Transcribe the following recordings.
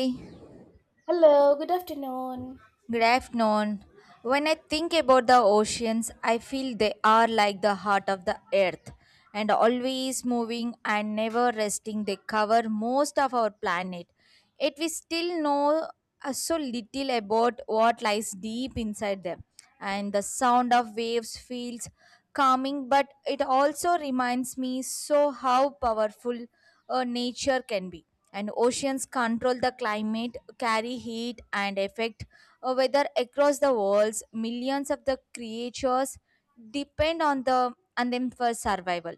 Good Hello, good afternoon. afternoon. When I think about the oceans, I feel they are like the heart of the earth and always moving and never resting. They cover most of our planet. Yet we still know so little about what lies deep inside them. And the sound of waves feels calming, but it also reminds me so how powerful nature can be. And oceans control the climate, carry heat, and affect whether across the worlds millions of the creatures depend on the on them for survival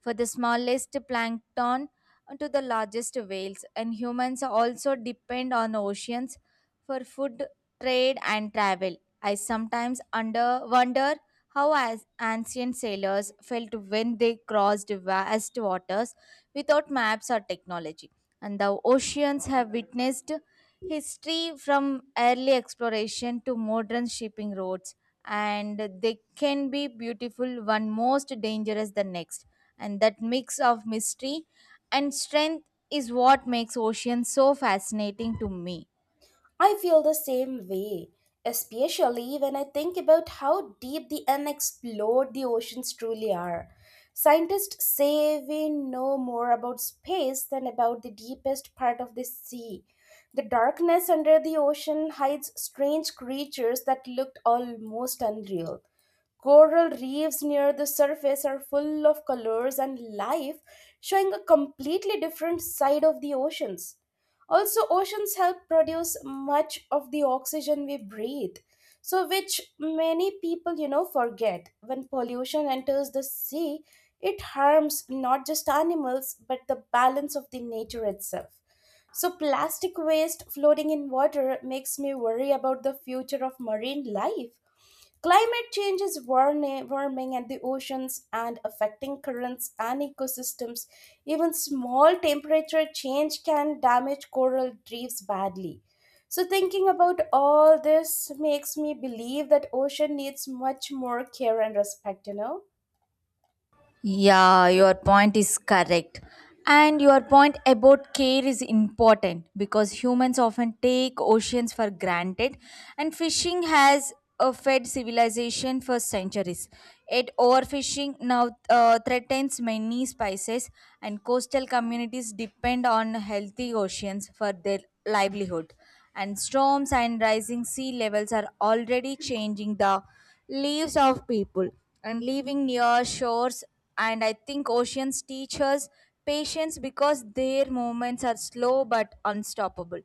for the smallest plankton to the largest whales and humans also depend on oceans for food trade and travel. I sometimes under wonder how as ancient sailors felt when they crossed vast waters without maps or technology. And the oceans have witnessed history from early exploration to modern shipping routes, and they can be beautiful, one most dangerous the next. And that mix of mystery and strength is what makes oceans so fascinating to me. I feel the same way, especially when I think about how deep the unexplored the oceans truly are. Scientists say we know more about space than about the deepest part of the sea. The darkness under the ocean hides strange creatures that looked almost unreal. Coral reefs near the surface are full of colors and life, showing a completely different side of the oceans. Also, oceans help produce much of the oxygen we breathe. So, which many people, forget. When pollution enters the sea, it harms not just animals, but the balance of the nature itself. So, plastic waste floating in water makes me worry about the future of marine life. Climate change is warming and the oceans and affecting currents and ecosystems. Even small temperature change can damage coral reefs badly. So thinking about all this makes me believe that ocean needs much more care and respect, Yeah, your point is correct. And your point about care is important because humans often take oceans for granted, and fishing has fed civilization for centuries. Yet, overfishing now threatens many species, and coastal communities depend on healthy oceans for their livelihood. And storms and rising sea levels are already changing the lives of people and living near shores, and I think oceans teach us patience because their movements are slow but unstoppable.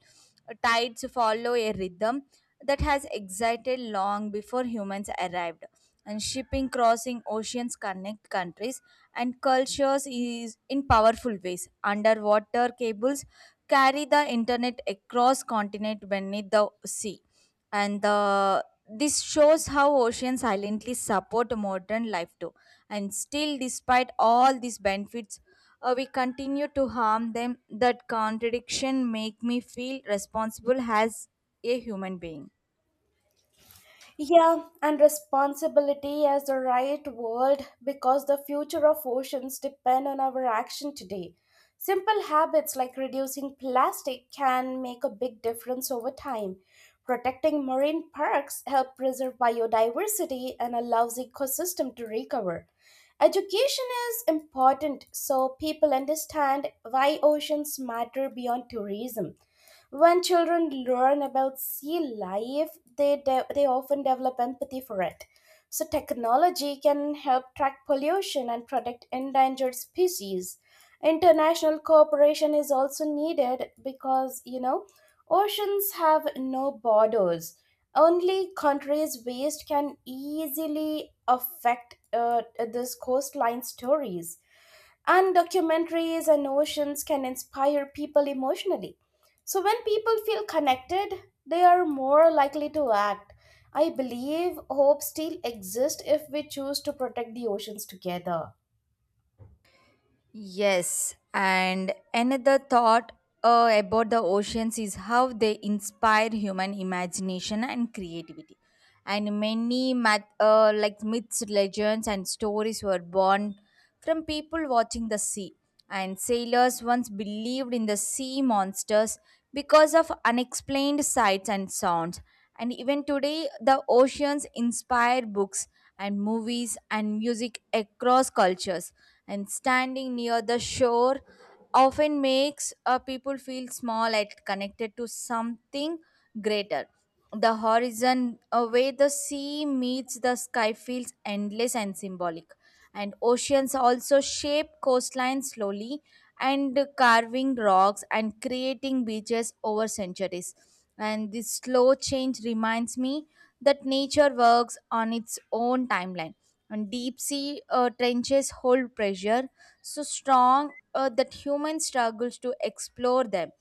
Tides follow a rhythm that has existed long before humans arrived, and shipping crossing oceans connect countries and cultures is in powerful ways. Underwater cables carry the internet across continent beneath the sea, and this shows how oceans silently support modern life too, and still despite all these benefits we continue to harm them. That contradiction make me feel responsible as a human being. Yeah, and responsibility as the right word because the future of oceans depend on our action today. Simple habits like reducing plastic can make a big difference over time. Protecting marine parks help preserve biodiversity and allows ecosystem to recover. Education is important so people understand why oceans matter beyond tourism. When children learn about sea life, they often develop empathy for it. So, technology can help track pollution and protect endangered species. International cooperation is also needed because, oceans have no borders. Only countries' waste can easily affect this coastline stories. And documentaries and oceans can inspire people emotionally. So when people feel connected, they are more likely to act. I believe hope still exists if we choose to protect the oceans together. Yes, and another thought about the oceans is how they inspire human imagination and creativity. And like myths, legends, and stories were born from people watching the sea, and sailors once believed in the sea monsters because of unexplained sights and sounds. And even today, the oceans inspire books and movies and music across cultures. And standing near the shore often makes people feel small and connected to something greater. The horizon, where the sea meets the sky, feels endless and symbolic, and oceans also shape coastlines slowly and carving rocks and creating beaches over centuries, and this slow change reminds me that nature works on its own timeline. And deep sea trenches hold pressure so strong that human struggles to explore them,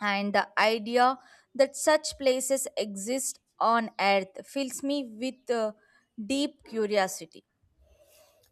and the idea that such places exist on earth fills me with deep curiosity.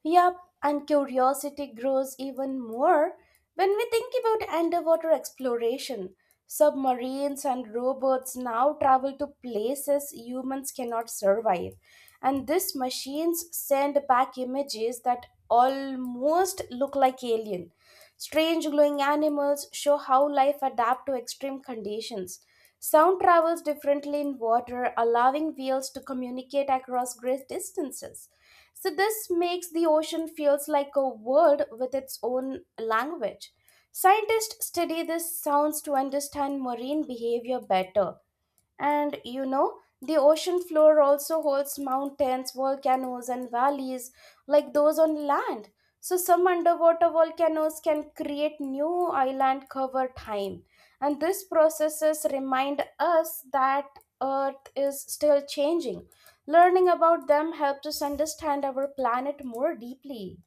Yup, and curiosity grows even more when we think about underwater exploration. Submarines and robots now travel to places humans cannot survive, and these machines send back images that almost look like alien. Strange glowing animals show how life adapts to extreme conditions. Sound travels differently in water, allowing whales to communicate across great distances. So this makes the ocean feels like a world with its own language. Scientists study these sounds to understand marine behavior better. And the ocean floor also holds mountains, volcanoes, and valleys like those on land. So, some underwater volcanoes can create new island cover time. And these processes remind us that Earth is still changing. Learning about them helps us understand our planet more deeply.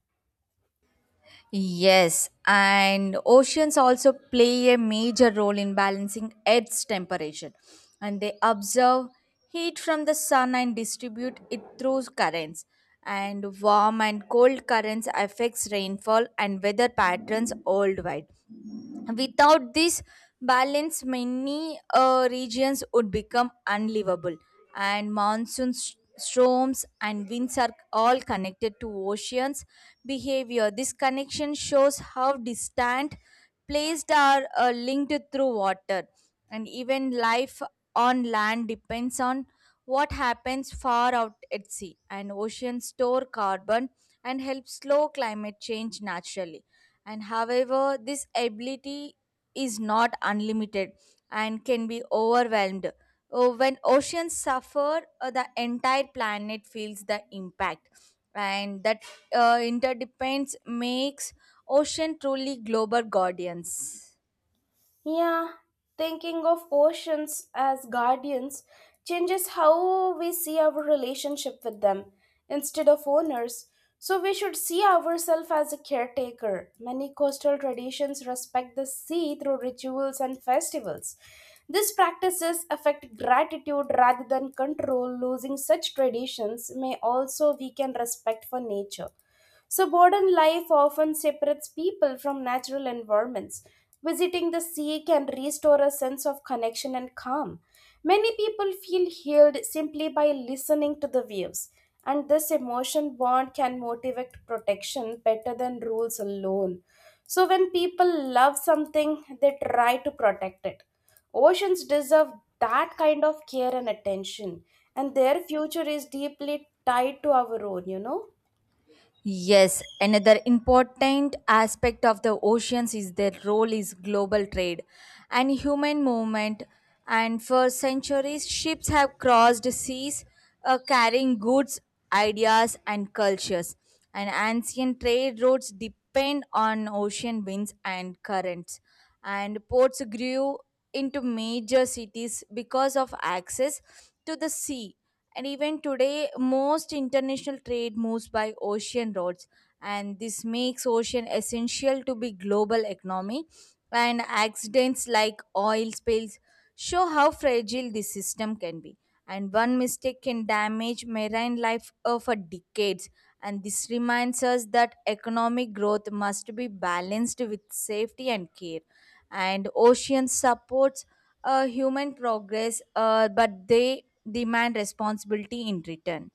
Yes, and oceans also play a major role in balancing Earth's temperature, and they absorb heat from the sun and distribute it through currents. And warm and cold currents affects rainfall and weather patterns worldwide. Without this balance, many regions would become unlivable, and storms and winds are all connected to oceans behavior. This connection shows how distant placed are linked through water, and even life on land depends on what happens far out at sea. And oceans store carbon and help slow climate change naturally, and however this ability is not unlimited and can be overwhelmed. Oh, when oceans suffer the entire planet feels the impact, and that interdependence makes ocean truly global guardians. Yeah, thinking of oceans as guardians changes how we see our relationship with them instead of owners. So we should see ourselves as a caretaker. Many coastal traditions respect the sea through rituals and festivals. These practices affect gratitude rather than control. Losing such traditions may also weaken respect for nature. So, modern life often separates people from natural environments. Visiting the sea can restore a sense of connection and calm. Many people feel healed simply by listening to the waves, and this emotion bond can motivate protection better than rules alone. So, when people love something, they try to protect it. Oceans deserve that kind of care and attention, and their future is deeply tied to our own. Yes, another important aspect of the oceans is their role is global trade and human movement. And for centuries, ships have crossed seas, carrying goods, ideas, and cultures. And ancient trade routes depend on ocean winds and currents, and ports grew into major cities because of access to the sea. And even today, most international trade moves by ocean roads, and this makes ocean essential to be global economy. And accidents like oil spills show how fragile this system can be, and one mistake can damage marine life for decades, and this reminds us that economic growth must be balanced with safety and care. And ocean supports human progress, but they demand responsibility in return.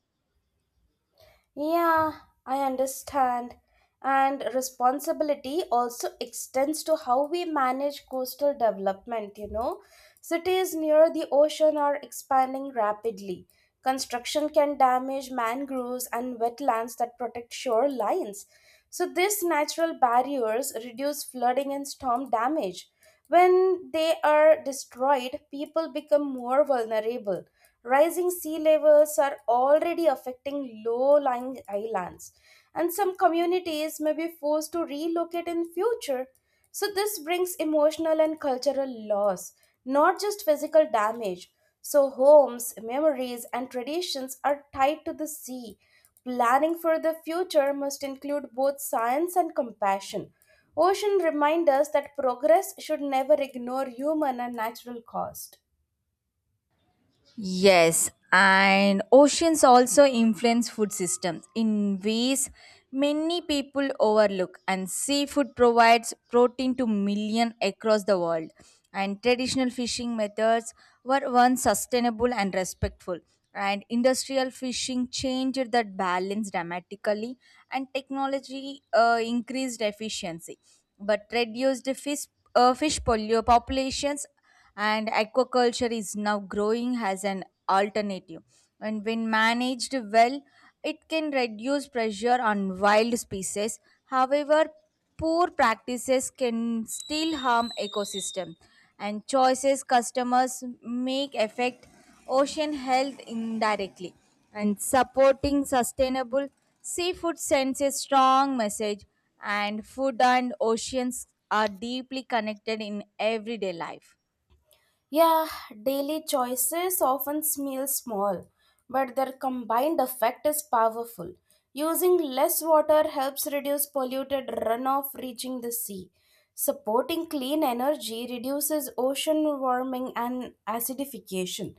Yeah, I understand. And responsibility also extends to how we manage coastal development. Cities near the ocean are expanding rapidly. Construction can damage mangroves and wetlands that protect shorelines. So, these natural barriers reduce flooding and storm damage. When they are destroyed, people become more vulnerable. Rising sea levels are already affecting low lying islands, and some communities may be forced to relocate in future. So, this brings emotional and cultural loss, not just physical damage. So, homes, memories, and traditions are tied to the sea. Planning for the future must include both science and compassion. Ocean remind us that progress should never ignore human and natural cost. Yes, and oceans also influence food systems in ways many people overlook. And seafood provides protein to millions across the world. And traditional fishing methods were once sustainable and respectful. And industrial fishing changed that balance dramatically, and technology increased efficiency, but reduced populations, and aquaculture is now growing as an alternative. And when managed well, it can reduce pressure on wild species. However, poor practices can still harm ecosystem, and choices customers make affect ocean health indirectly, and supporting sustainable seafood sends a strong message, and food and oceans are deeply connected in everyday life. Yeah, daily choices often seem small, but their combined effect is powerful. Using less water helps reduce polluted runoff reaching the sea. Supporting clean energy reduces ocean warming and acidification.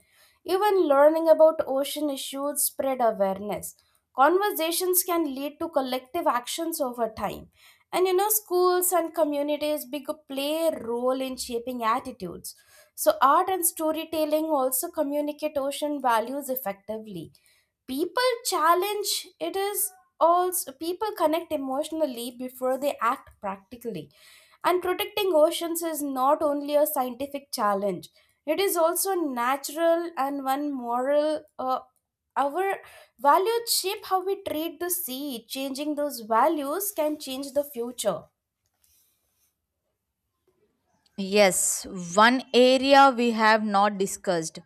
Even learning about ocean issues spread awareness. Conversations can lead to collective actions over time. And schools and communities big play a role in shaping attitudes so, art and storytelling also communicate ocean values effectively. People challenge it is also people connect emotionally before they act practically. And protecting oceans is not only a scientific challenge, it is also natural and one moral. Our values shape how we treat the sea. Changing those values can change the future. Yes, one area we have not discussed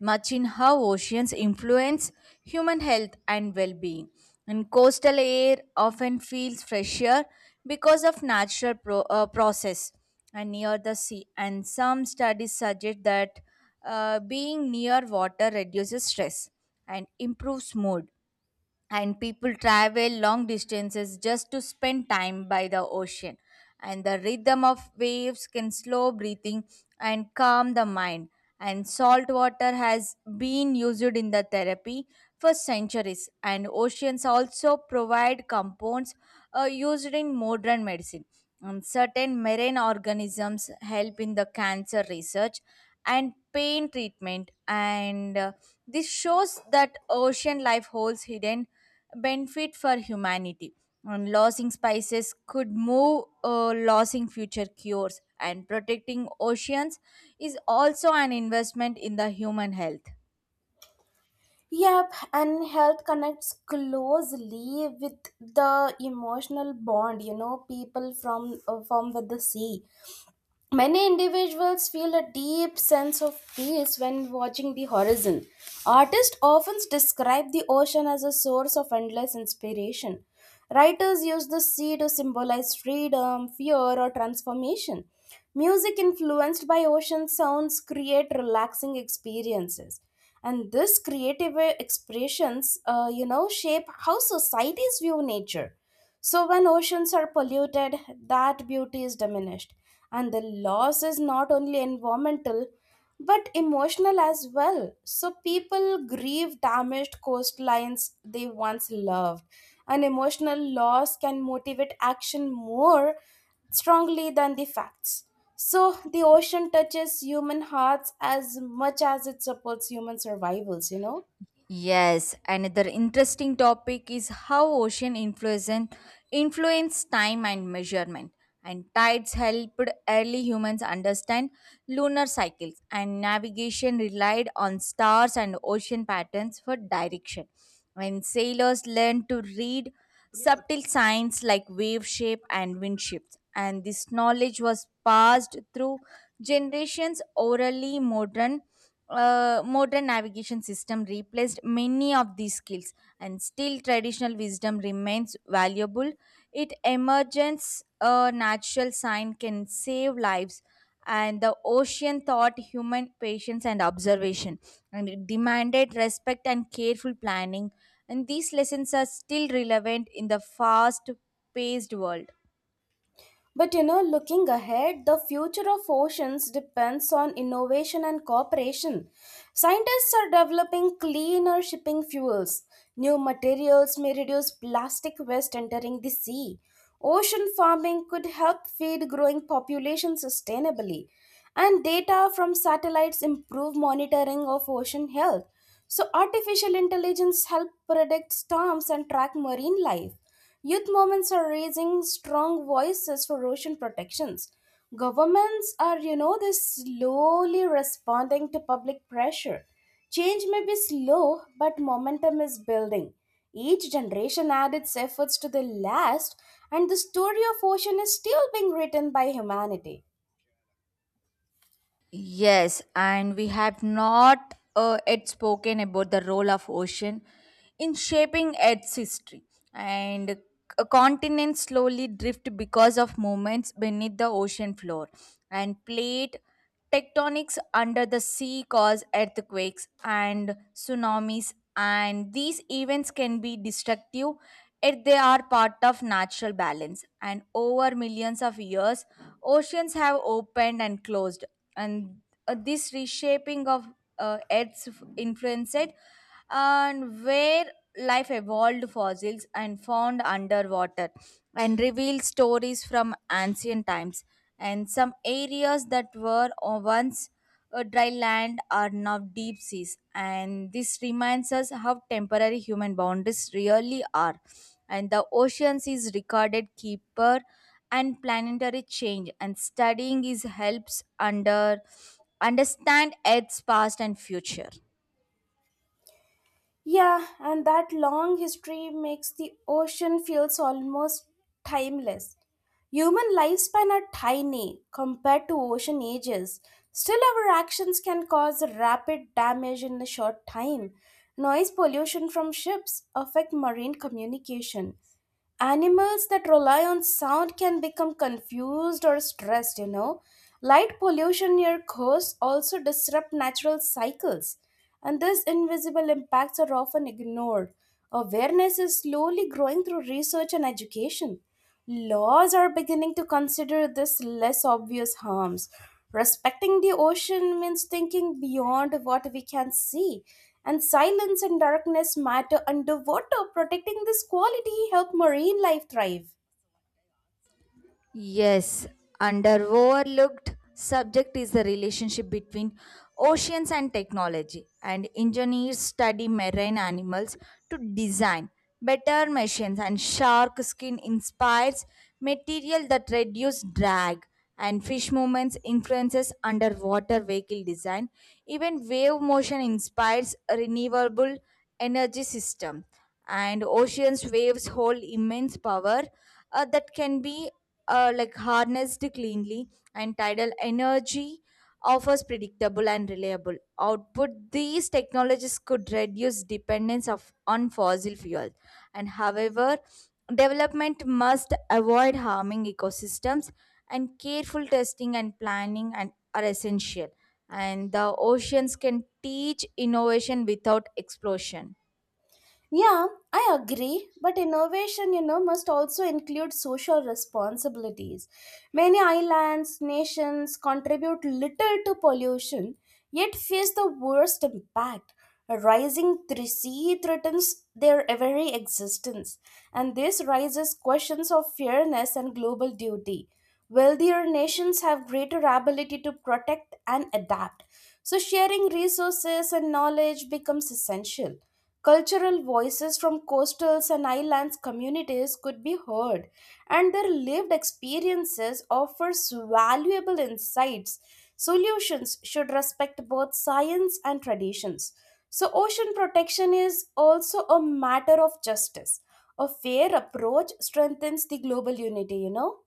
much in how oceans influence human health and well being. And coastal air often feels fresher because of process and near the sea. And some studies suggest that being near water reduces stress and improves mood, and people travel long distances just to spend time by the ocean, and the rhythm of waves can slow breathing and calm the mind, and salt water has been used in the therapy for centuries. And oceans also provide compounds used in modern medicine. Um, certain marine organisms help in the cancer research and pain treatment, and this shows that ocean life holds hidden benefit for humanity. And losing spices could move losing future cures, and protecting oceans is also an investment in the human health. Yep, and health connects closely with the emotional bond, people from with the sea. Many individuals feel a deep sense of peace when watching the horizon. Artists often describe the ocean as a source of endless inspiration. Writers use the sea to symbolize freedom, fear, or transformation. Music influenced by ocean sounds create relaxing experiences. And this creative expressions, shape how societies view nature. So, when oceans are polluted, that beauty is diminished, and the loss is not only environmental but emotional as well. So, people grieve damaged coastlines they once loved, and emotional loss can motivate action more strongly than the facts. So, the ocean touches human hearts as much as it supports human survivals. Yes, another interesting topic is how ocean influence time and measurement. And tides helped early humans understand lunar cycles, and navigation relied on stars and ocean patterns for direction. When sailors learned to read subtle signs like wave shape and wind shifts, and this knowledge was passed through generations orally, modern navigation system replaced many of these skills, and still traditional wisdom remains valuable. It emergence a natural sign can save lives, and the ocean taught human patience and observation, and it demanded respect and careful planning, and these lessons are still relevant in the fast paced world. But looking ahead, the future of oceans depends on innovation and cooperation. Scientists are developing cleaner shipping fuels. New materials may reduce plastic waste entering the sea. Ocean farming could help feed growing populations sustainably. And data from satellites improve monitoring of ocean health. So, artificial intelligence help predict storms and track marine life. Youth movements are raising strong voices for ocean protections. Governments are, they slowly responding to public pressure. Change may be slow, but momentum is building. Each generation adds its efforts to the last, and the story of ocean is still being written by humanity. Yes, and we have not yet spoken about the role of ocean in shaping Earth's history. And a continent slowly drift because of movements beneath the ocean floor, and plate tectonics under the sea cause earthquakes and tsunamis. And these events can be destructive if they are part of natural balance. And over millions of years, oceans have opened and closed, and this reshaping of influenced and where life evolved fossils and found underwater and revealed stories from ancient times. And some areas that were once dry land are now deep seas, and this reminds us how temporary human boundaries really are. And the oceans is recorded keeper and planetary change, and studying is helps understand Earth's past and future. Yeah, and that long history makes the ocean feels almost timeless. Human lifespan are tiny compared to ocean ages. Still, our actions can cause rapid damage in a short time. Noise pollution from ships affect marine communication. Animals that rely on sound can become confused or stressed. Light pollution near coasts also disrupt natural cycles, and these invisible impacts are often ignored. Awareness is slowly growing through research and education. Laws are beginning to consider this less obvious harms. Respecting the ocean means thinking beyond what we can see, and silence and darkness matter underwater. Protecting this quality help marine life thrive. Yes, under overlooked subject is the relationship between oceans and technology, and engineers study marine animals to design better machines, and shark skin inspires material that reduce drag, and fish movements influences underwater vehicle design. Even wave motion inspires renewable energy system, and oceans waves hold immense power that can be like harnessed cleanly, and tidal energy offers predictable and reliable output. These technologies could reduce dependence of on fossil fuels, and however development must avoid harming ecosystems, and careful testing and planning and are essential, and the oceans can teach innovation without explosion. Yeah, I agree, but innovation, must also include social responsibilities. Many islands, nations contribute little to pollution, yet face the worst impact. A sea threatens their very existence, and this raises questions of fairness and global duty. Wealthier nations have greater ability to protect and adapt, so sharing resources and knowledge becomes essential. Cultural voices from coastal and islands communities could be heard, and their lived experiences offers valuable insights. Solutions should respect both science and traditions. So ocean protection is also a matter of justice. A fair approach strengthens the global unity.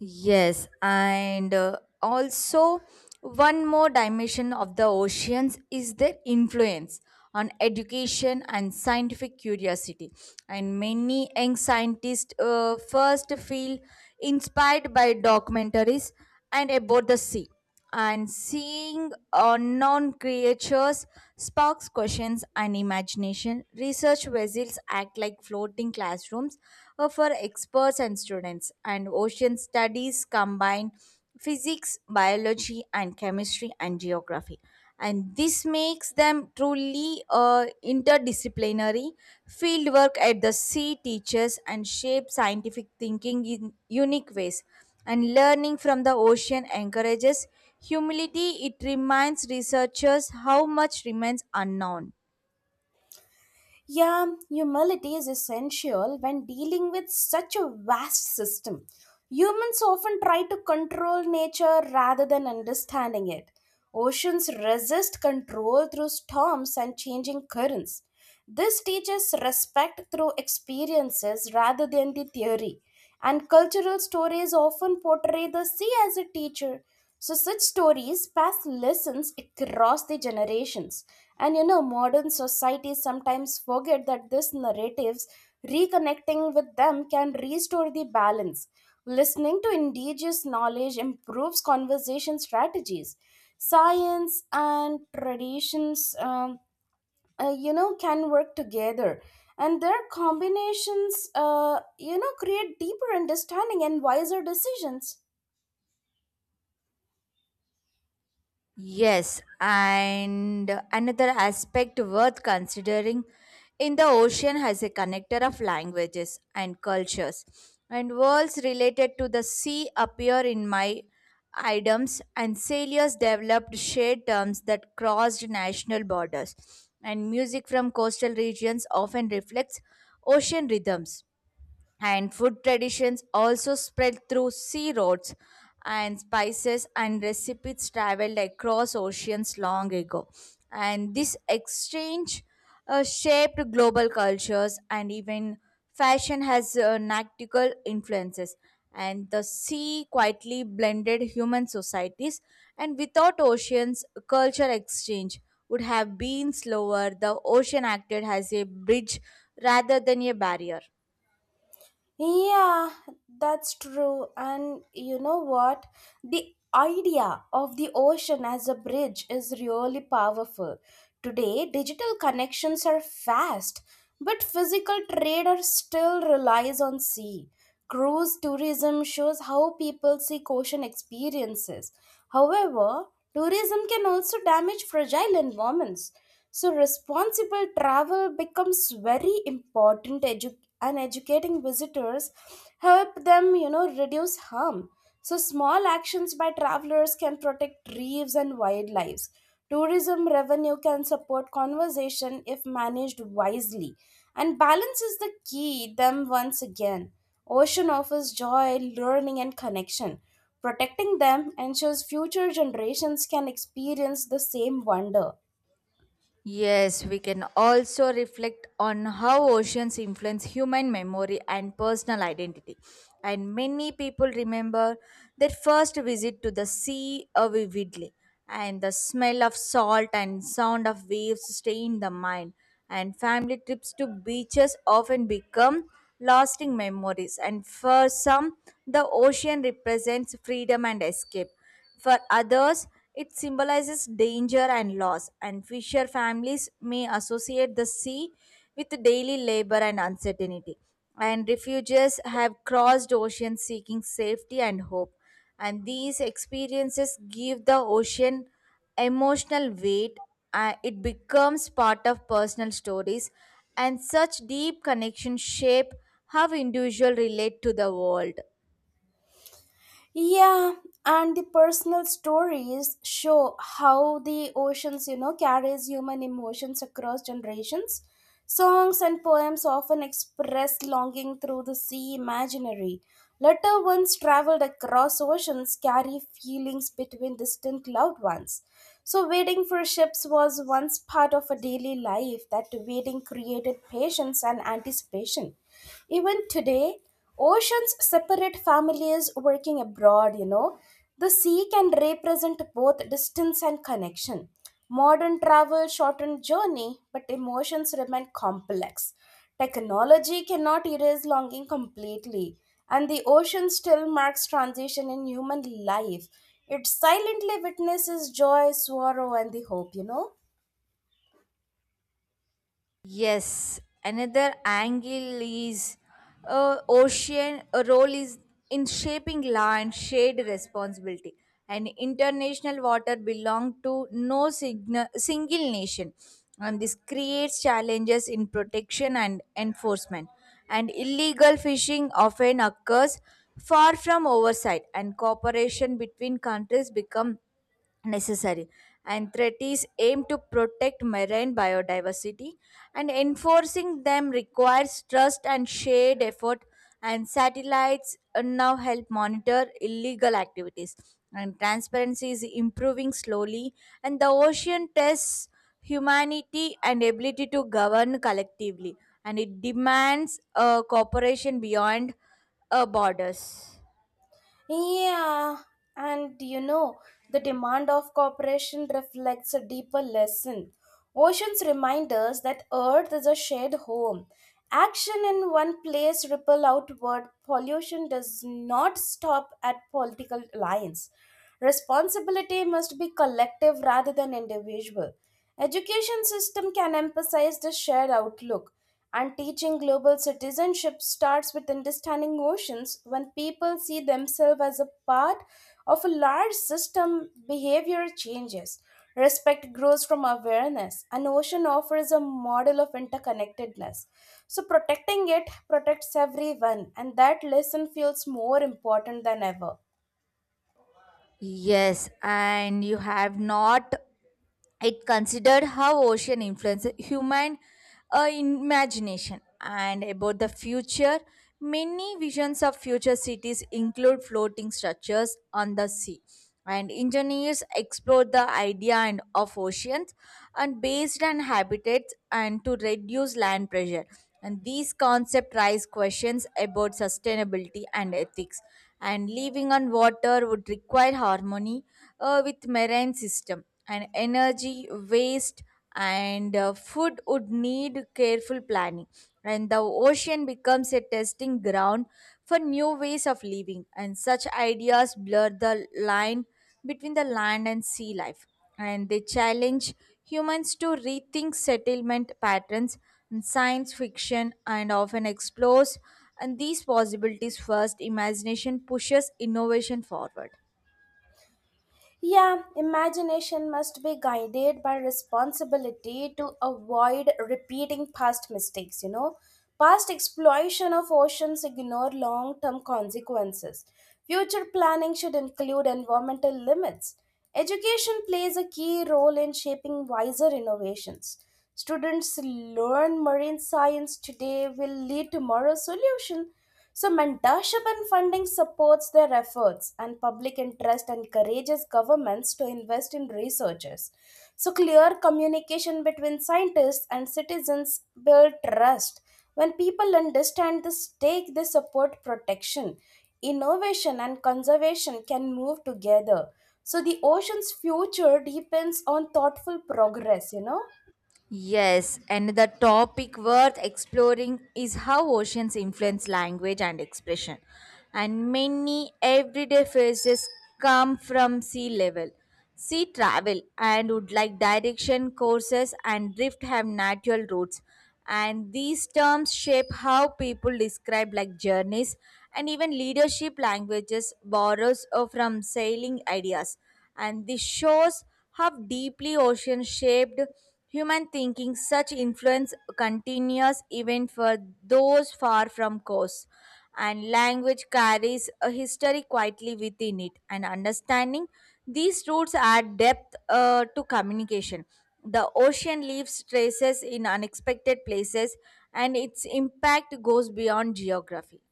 Yes, and also one more dimension of the oceans is their influence on education and scientific curiosity. And many young scientists first feel inspired by documentaries and about the sea, and seeing unknown creatures sparks questions and imagination. Research vessels act like floating classrooms for experts and students, and ocean studies combine physics, biology, and chemistry and geography. And this makes them truly interdisciplinary. Fieldwork at the sea teaches and shapes scientific thinking in unique ways, and learning from the ocean encourages humility. It reminds researchers how much remains unknown. Yeah, humility is essential when dealing with such a vast system. Humans often try to control nature rather than understanding it. Oceans resist control through storms and changing currents. This teaches respect through experiences rather than the theory, and cultural stories often portray the sea as a teacher. So, such stories pass lessons across the generations. And modern societies sometimes forget that these narratives, reconnecting with them, can restore the balance. Listening to indigenous knowledge improves conversation strategies. Science and traditions. Can work together and their combinations create deeper understanding and wiser decisions. Yes, and another aspect worth considering in the ocean has a connector of languages and cultures, and worlds related to the sea appear in my items, and sailors developed shared terms that crossed national borders, and music from coastal regions often reflects ocean rhythms, and food traditions also spread through sea roads, and spices and recipes traveled across oceans long ago, and this exchange shaped global cultures, and even fashion has nautical influences, and the sea quietly blended human societies, and without oceans culture exchange would have been slower. The ocean acted as a bridge rather than a barrier. Yeah, that's true. And you know what, the idea of the ocean as a bridge is really powerful. Today, digital connections are fast, but physical trade are still relies on sea. Cruise tourism shows how people seek ocean experiences. However, tourism can also damage fragile environments. So, responsible travel becomes very important, and educating visitors help them, reduce harm. So, small actions by travelers can protect reefs and wildlife. Tourism revenue can support conservation if managed wisely, and balance is the key. Them once again, ocean offers joy, learning, and connection. Protecting them ensures future generations can experience the same wonder. Yes, we can also reflect on how oceans influence human memory and personal identity. And many people remember their first visit to the sea vividly, and the smell of salt and sound of waves stay in the mind. And family trips to beaches often become lasting memories. And for some, the ocean represents freedom and escape for others, it symbolizes danger and loss, and fisher families may associate the sea with daily labor and uncertainty. And refugees have crossed oceans seeking safety and hope. And these experiences give the ocean emotional weight. It becomes part of personal stories, and such deep connections shape how individuals relate to the world. Yeah, and the personal stories show how the oceans, carries human emotions across generations. Songs and poems often express longing through the sea imaginary. Letter ones traveled across oceans carry feelings between distant loved ones. So waiting for ships was once part of a daily life that waiting created patience and anticipation. Even today, oceans separate families working abroad. The sea can represent both distance and connection. Modern travel shortened journey, but emotions remain complex. Technology cannot erase longing completely, and the ocean still marks transition in human life. It silently witnesses joy, sorrow, and the hope. Yes, another angle is ocean role is in shaping law and shared responsibility. And international water belong to no single nation, and this creates challenges in protection and enforcement. And illegal fishing often occurs far from oversight, and cooperation between countries become necessary and treaties aim to protect marine biodiversity and enforcing them requires trust and shared effort and satellites now help monitor illegal activities and transparency is improving slowly and the ocean tests humanity and ability to govern collectively and it demands cooperation beyond borders. Yeah, and the demand of cooperation reflects a deeper lesson. Oceans remind us that Earth is a shared home. Action in one place ripple outward. Pollution does not stop at political alliance. Responsibility must be collective rather than individual. Education system can emphasize the shared outlook. And teaching global citizenship starts with understanding oceans. When people see themselves as a part of a large system, behavior changes. Respect grows from awareness. An ocean offers a model of interconnectedness. So, protecting it protects everyone, and that lesson feels more important than ever. Yes, and you have not it considered how ocean influences human imagination and about the future, many visions of future cities include floating structures on the sea and engineers explored the idea and of oceans and based on habitats and to reduce land pressure, and these concepts raise questions about sustainability and ethics, and living on water would require harmony with marine system and energy waste and food would need careful planning, and the ocean becomes a testing ground for new ways of living, and such ideas blur the line between the land and sea life, and they challenge humans to rethink settlement patterns, and science fiction and often explores and these possibilities first imagination pushes innovation forward. Yeah, imagination must be guided by responsibility to avoid repeating past mistakes. Past exploitation of oceans ignore long term consequences. Future planning should include environmental limits. Education plays a key role in shaping wiser innovations. Students learn marine science today will lead tomorrow's solution. So, mentorship and funding supports their efforts, and public interest encourages governments to invest in researchers. So, clear communication between scientists and citizens build trust. When people understand the stake, they support protection. Innovation and conservation can move together. So, the ocean's future depends on thoughtful progress. Yes, another topic worth exploring is how oceans influence language and expression. And many everyday phrases come from sea level. Sea travel and would like direction courses and drift have natural roots, and these terms shape how people describe like journeys, and even leadership languages borrows from sailing ideas, and this shows how deeply ocean shaped human thinking, such influence continues even for those far from coast, and language carries a history quietly within it, and understanding these roots add depth to communication. The ocean leaves traces in unexpected places, and its impact goes beyond geography.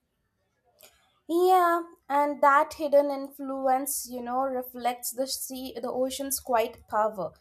Yeah, and that hidden influence, reflects the sea, the ocean's quiet power.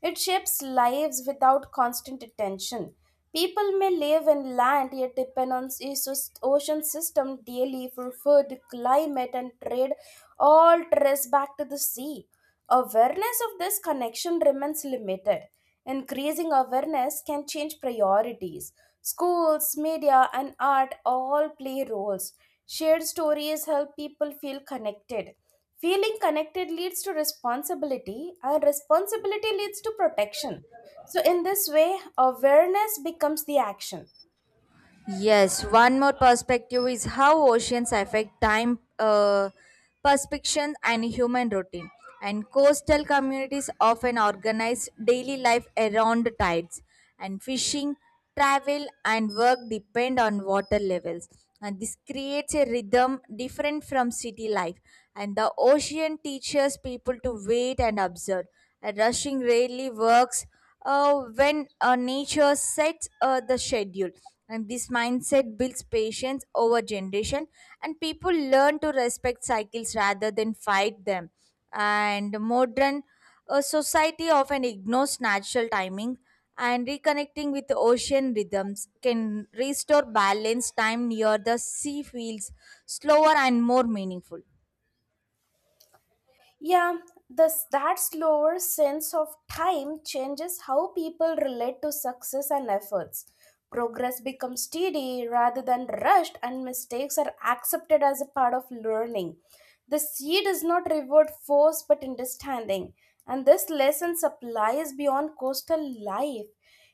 It shapes lives without constant attention. People may live in land yet depend on ocean system daily for food, climate, and trade. All trace back to the sea. Awareness of this connection remains limited. Increasing awareness can change priorities. Schools, media, and art all play roles. Shared stories help people feel connected. Feeling connected leads to responsibility, and responsibility leads to protection. So, in this way, awareness becomes the action. Yes, one more perspective is how oceans affect time perception and human routine. And coastal communities often organize daily life around tides, and fishing, travel, and work depend on water levels. And this creates a rhythm different from city life. And the ocean teaches people to wait and observe. And rushing rarely works when nature sets the schedule, and this mindset builds patience over generation, and people learn to respect cycles rather than fight them, and modern society often ignores natural timing, and reconnecting with the ocean rhythms can restore balance. Time near the sea feels slower and more meaningful. Yeah, this that slower sense of time changes how people relate to success and efforts. Progress becomes steady rather than rushed, and mistakes are accepted as a part of learning. The seed is not reward force but understanding, and this lesson applies beyond coastal life.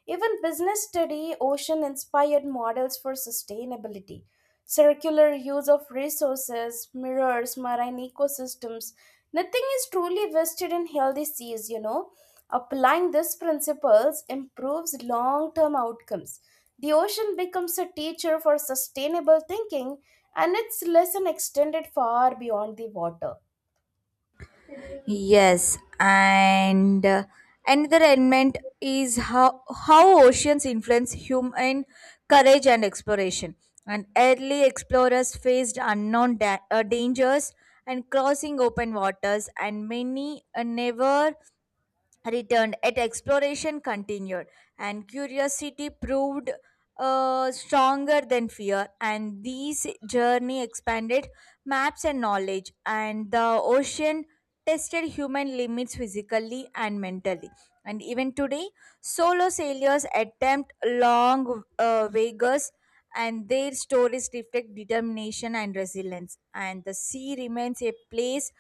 Even business study ocean inspired models for sustainability. Circular use of resources, mirrors, marine ecosystems. Nothing is truly wasted in healthy seas. Applying these principles improves long term outcomes. The ocean becomes a teacher for sustainable thinking, and its lesson extended far beyond the water. Yes, and another element is how oceans influence human courage and exploration. And early explorers faced unknown dangers and crossing open waters, and many never returned, yet exploration continued, and curiosity proved stronger than fear, and these journey expanded maps and knowledge, and the ocean tested human limits physically and mentally, and even today solo sailors attempt long voyages, and their stories reflect determination and resilience. And the sea remains a place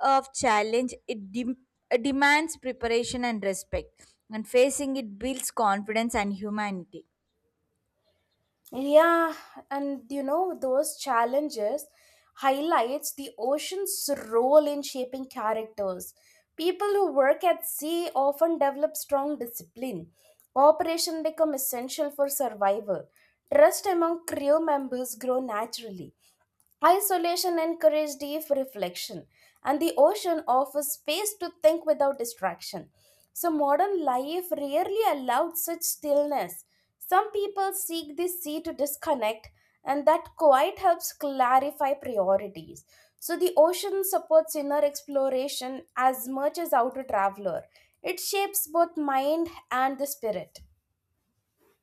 of challenge. It demands preparation and respect, and facing it builds confidence and humanity. Yeah, and those challenges highlights the ocean's role in shaping characters. People who work at sea often develop strong discipline. Cooperation become essential for survival. Trust among crew members grow naturally. Isolation encourages deep reflection, and the ocean offers space to think without distraction. So, modern life rarely allowed such stillness. Some people seek the sea to disconnect, and that quiet helps clarify priorities. So, the ocean supports inner exploration as much as outer traveler. It shapes both mind and the spirit.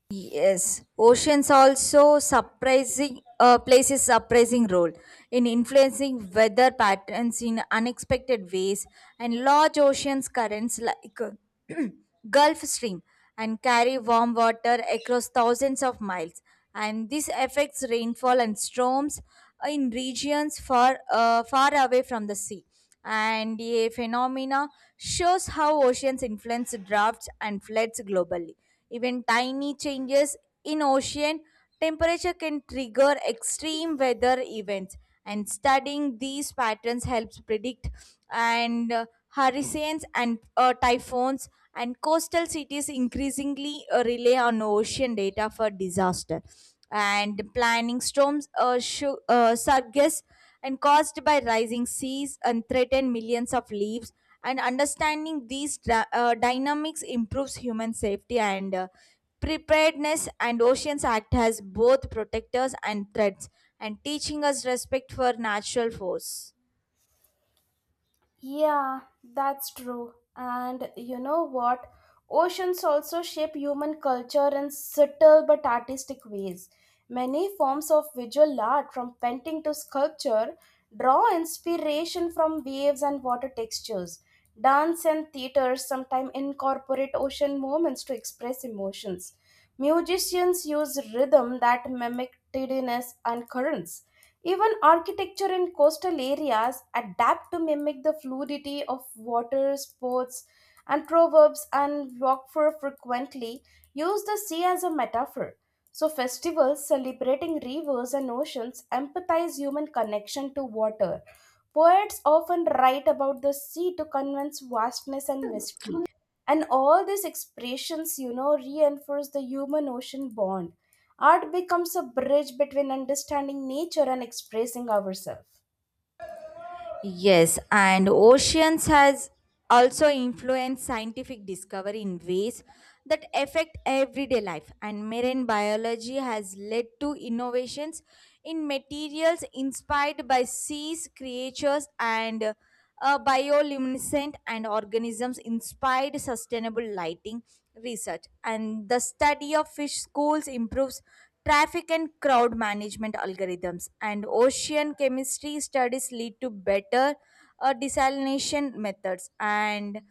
Yes, oceans also surprising plays a surprising role in influencing weather patterns in unexpected ways, and large oceans currents like Gulf Stream and carry warm water across thousands of miles, and this affects rainfall and storms in regions far away from the sea. And a phenomena shows how oceans influence droughts and floods globally, even tiny changes in ocean temperature can trigger extreme weather events, and studying these patterns helps predict and hurricanes and typhoons, and coastal cities increasingly rely on ocean data for disaster and planning storms surges and caused by rising seas and threaten millions of lives. And understanding these dynamics improves human safety and preparedness. And Oceans Act has both protectors and threats, and teaching us respect for natural force. Yeah, that's true. And you know what? Oceans also shape human culture in subtle but artistic ways. Many forms of visual art, from painting to sculpture, draw inspiration from waves and water textures. Dance and theater sometimes incorporate ocean movements to express emotions. Musicians use rhythm that mimic tidiness and currents. Even architecture in coastal areas adapt to mimic the fluidity of water sports and proverbs and Rockford frequently use the sea as a metaphor. So festivals celebrating rivers and oceans empathize human connection to water. Poets often write about the sea to convince vastness and mystery. And all these expressions, reinforce the human ocean bond. Art becomes a bridge between understanding nature and expressing ourselves. Yes, and oceans has also influenced scientific discovery in ways that affect everyday life, and marine biology has led to innovations in materials inspired by seas creatures, and bioluminescent and organisms inspired sustainable lighting research, and the study of fish schools improves traffic and crowd management algorithms, and ocean chemistry studies lead to better desalination methods, and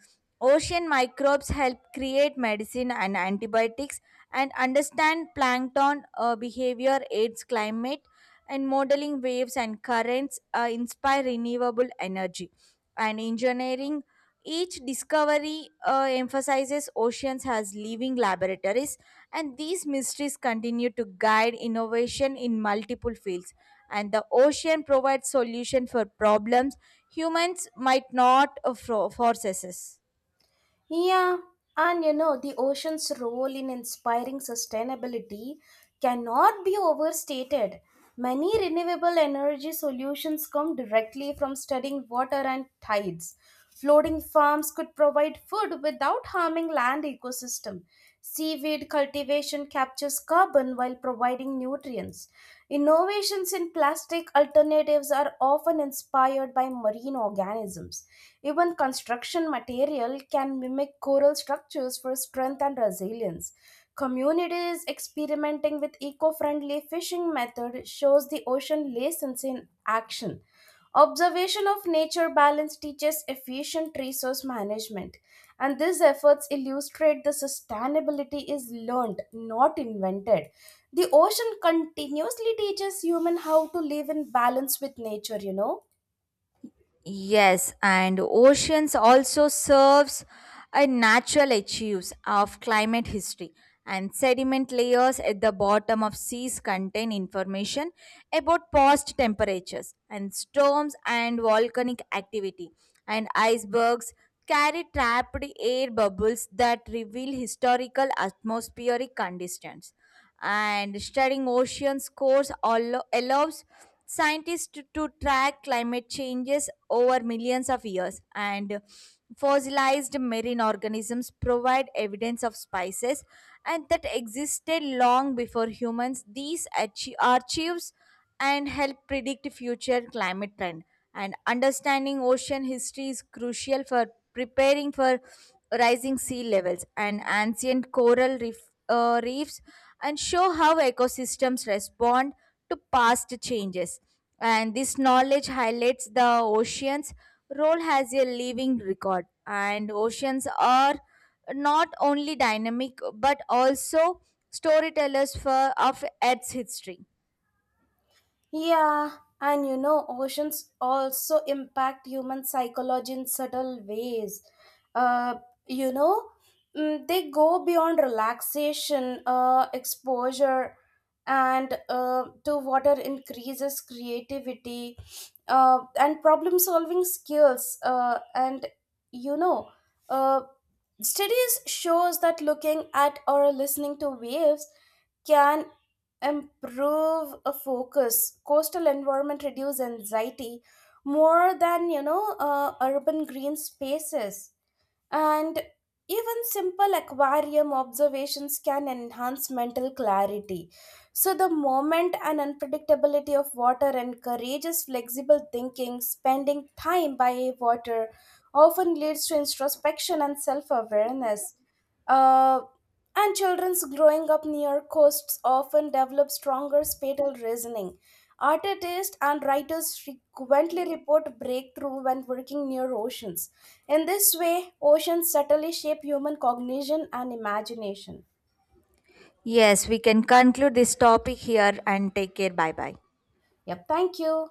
ocean microbes help create medicine and antibiotics, and understand plankton behavior aids climate and modeling waves and currents inspire renewable energy and engineering. Each discovery emphasizes oceans as living laboratories, and these mysteries continue to guide innovation in multiple fields, and the ocean provides solution for problems humans might not force us. Yeah, and the ocean's role in inspiring sustainability cannot be overstated. Many renewable energy solutions come directly from studying water and tides. Floating farms could provide food without harming land ecosystem. Seaweed cultivation captures carbon while providing nutrients. Innovations in plastic alternatives are often inspired by marine organisms. Even construction material can mimic coral structures for strength and resilience. Communities experimenting with eco friendly fishing methods shows the ocean lessons in action. Observation of nature balance teaches efficient resource management, and these efforts illustrate the sustainability is learned, not invented. The ocean continuously teaches human how to live in balance with nature. Yes, and oceans also serves a natural archives of climate history, and sediment layers at the bottom of seas contain information about past temperatures and storms and volcanic activity, and icebergs carry trapped air bubbles that reveal historical atmospheric conditions, and studying oceans cores allows scientists to track climate changes over millions of years, and fossilized marine organisms provide evidence of species and that existed long before humans. These archives and help predict future climate trend, and understanding ocean history is crucial for preparing for rising sea levels, and ancient coral reefs and show how ecosystems respond to past changes, and this knowledge highlights the oceans role as a living record, and oceans are not only dynamic but also storytellers for of earth's history. Yeah, and oceans also impact human psychology in subtle ways. Uh, you know, they go beyond relaxation, exposure, and to water increases creativity and problem solving skills. And you know, uh, studies shows that looking at or listening to waves can improve a focus coastal environment reduce anxiety more than urban green spaces and even simple aquarium observations can enhance mental clarity. So the moment and unpredictability of water encourages flexible thinking. Spending time by water often leads to introspection and self-awareness. Uh, and children's growing up near coasts often develop stronger spatial reasoning. Artists and writers frequently report breakthrough when working near oceans. In this way, oceans subtly shape human cognition and imagination. Yes, we can conclude this topic here and take care. Bye bye. Yep, thank you.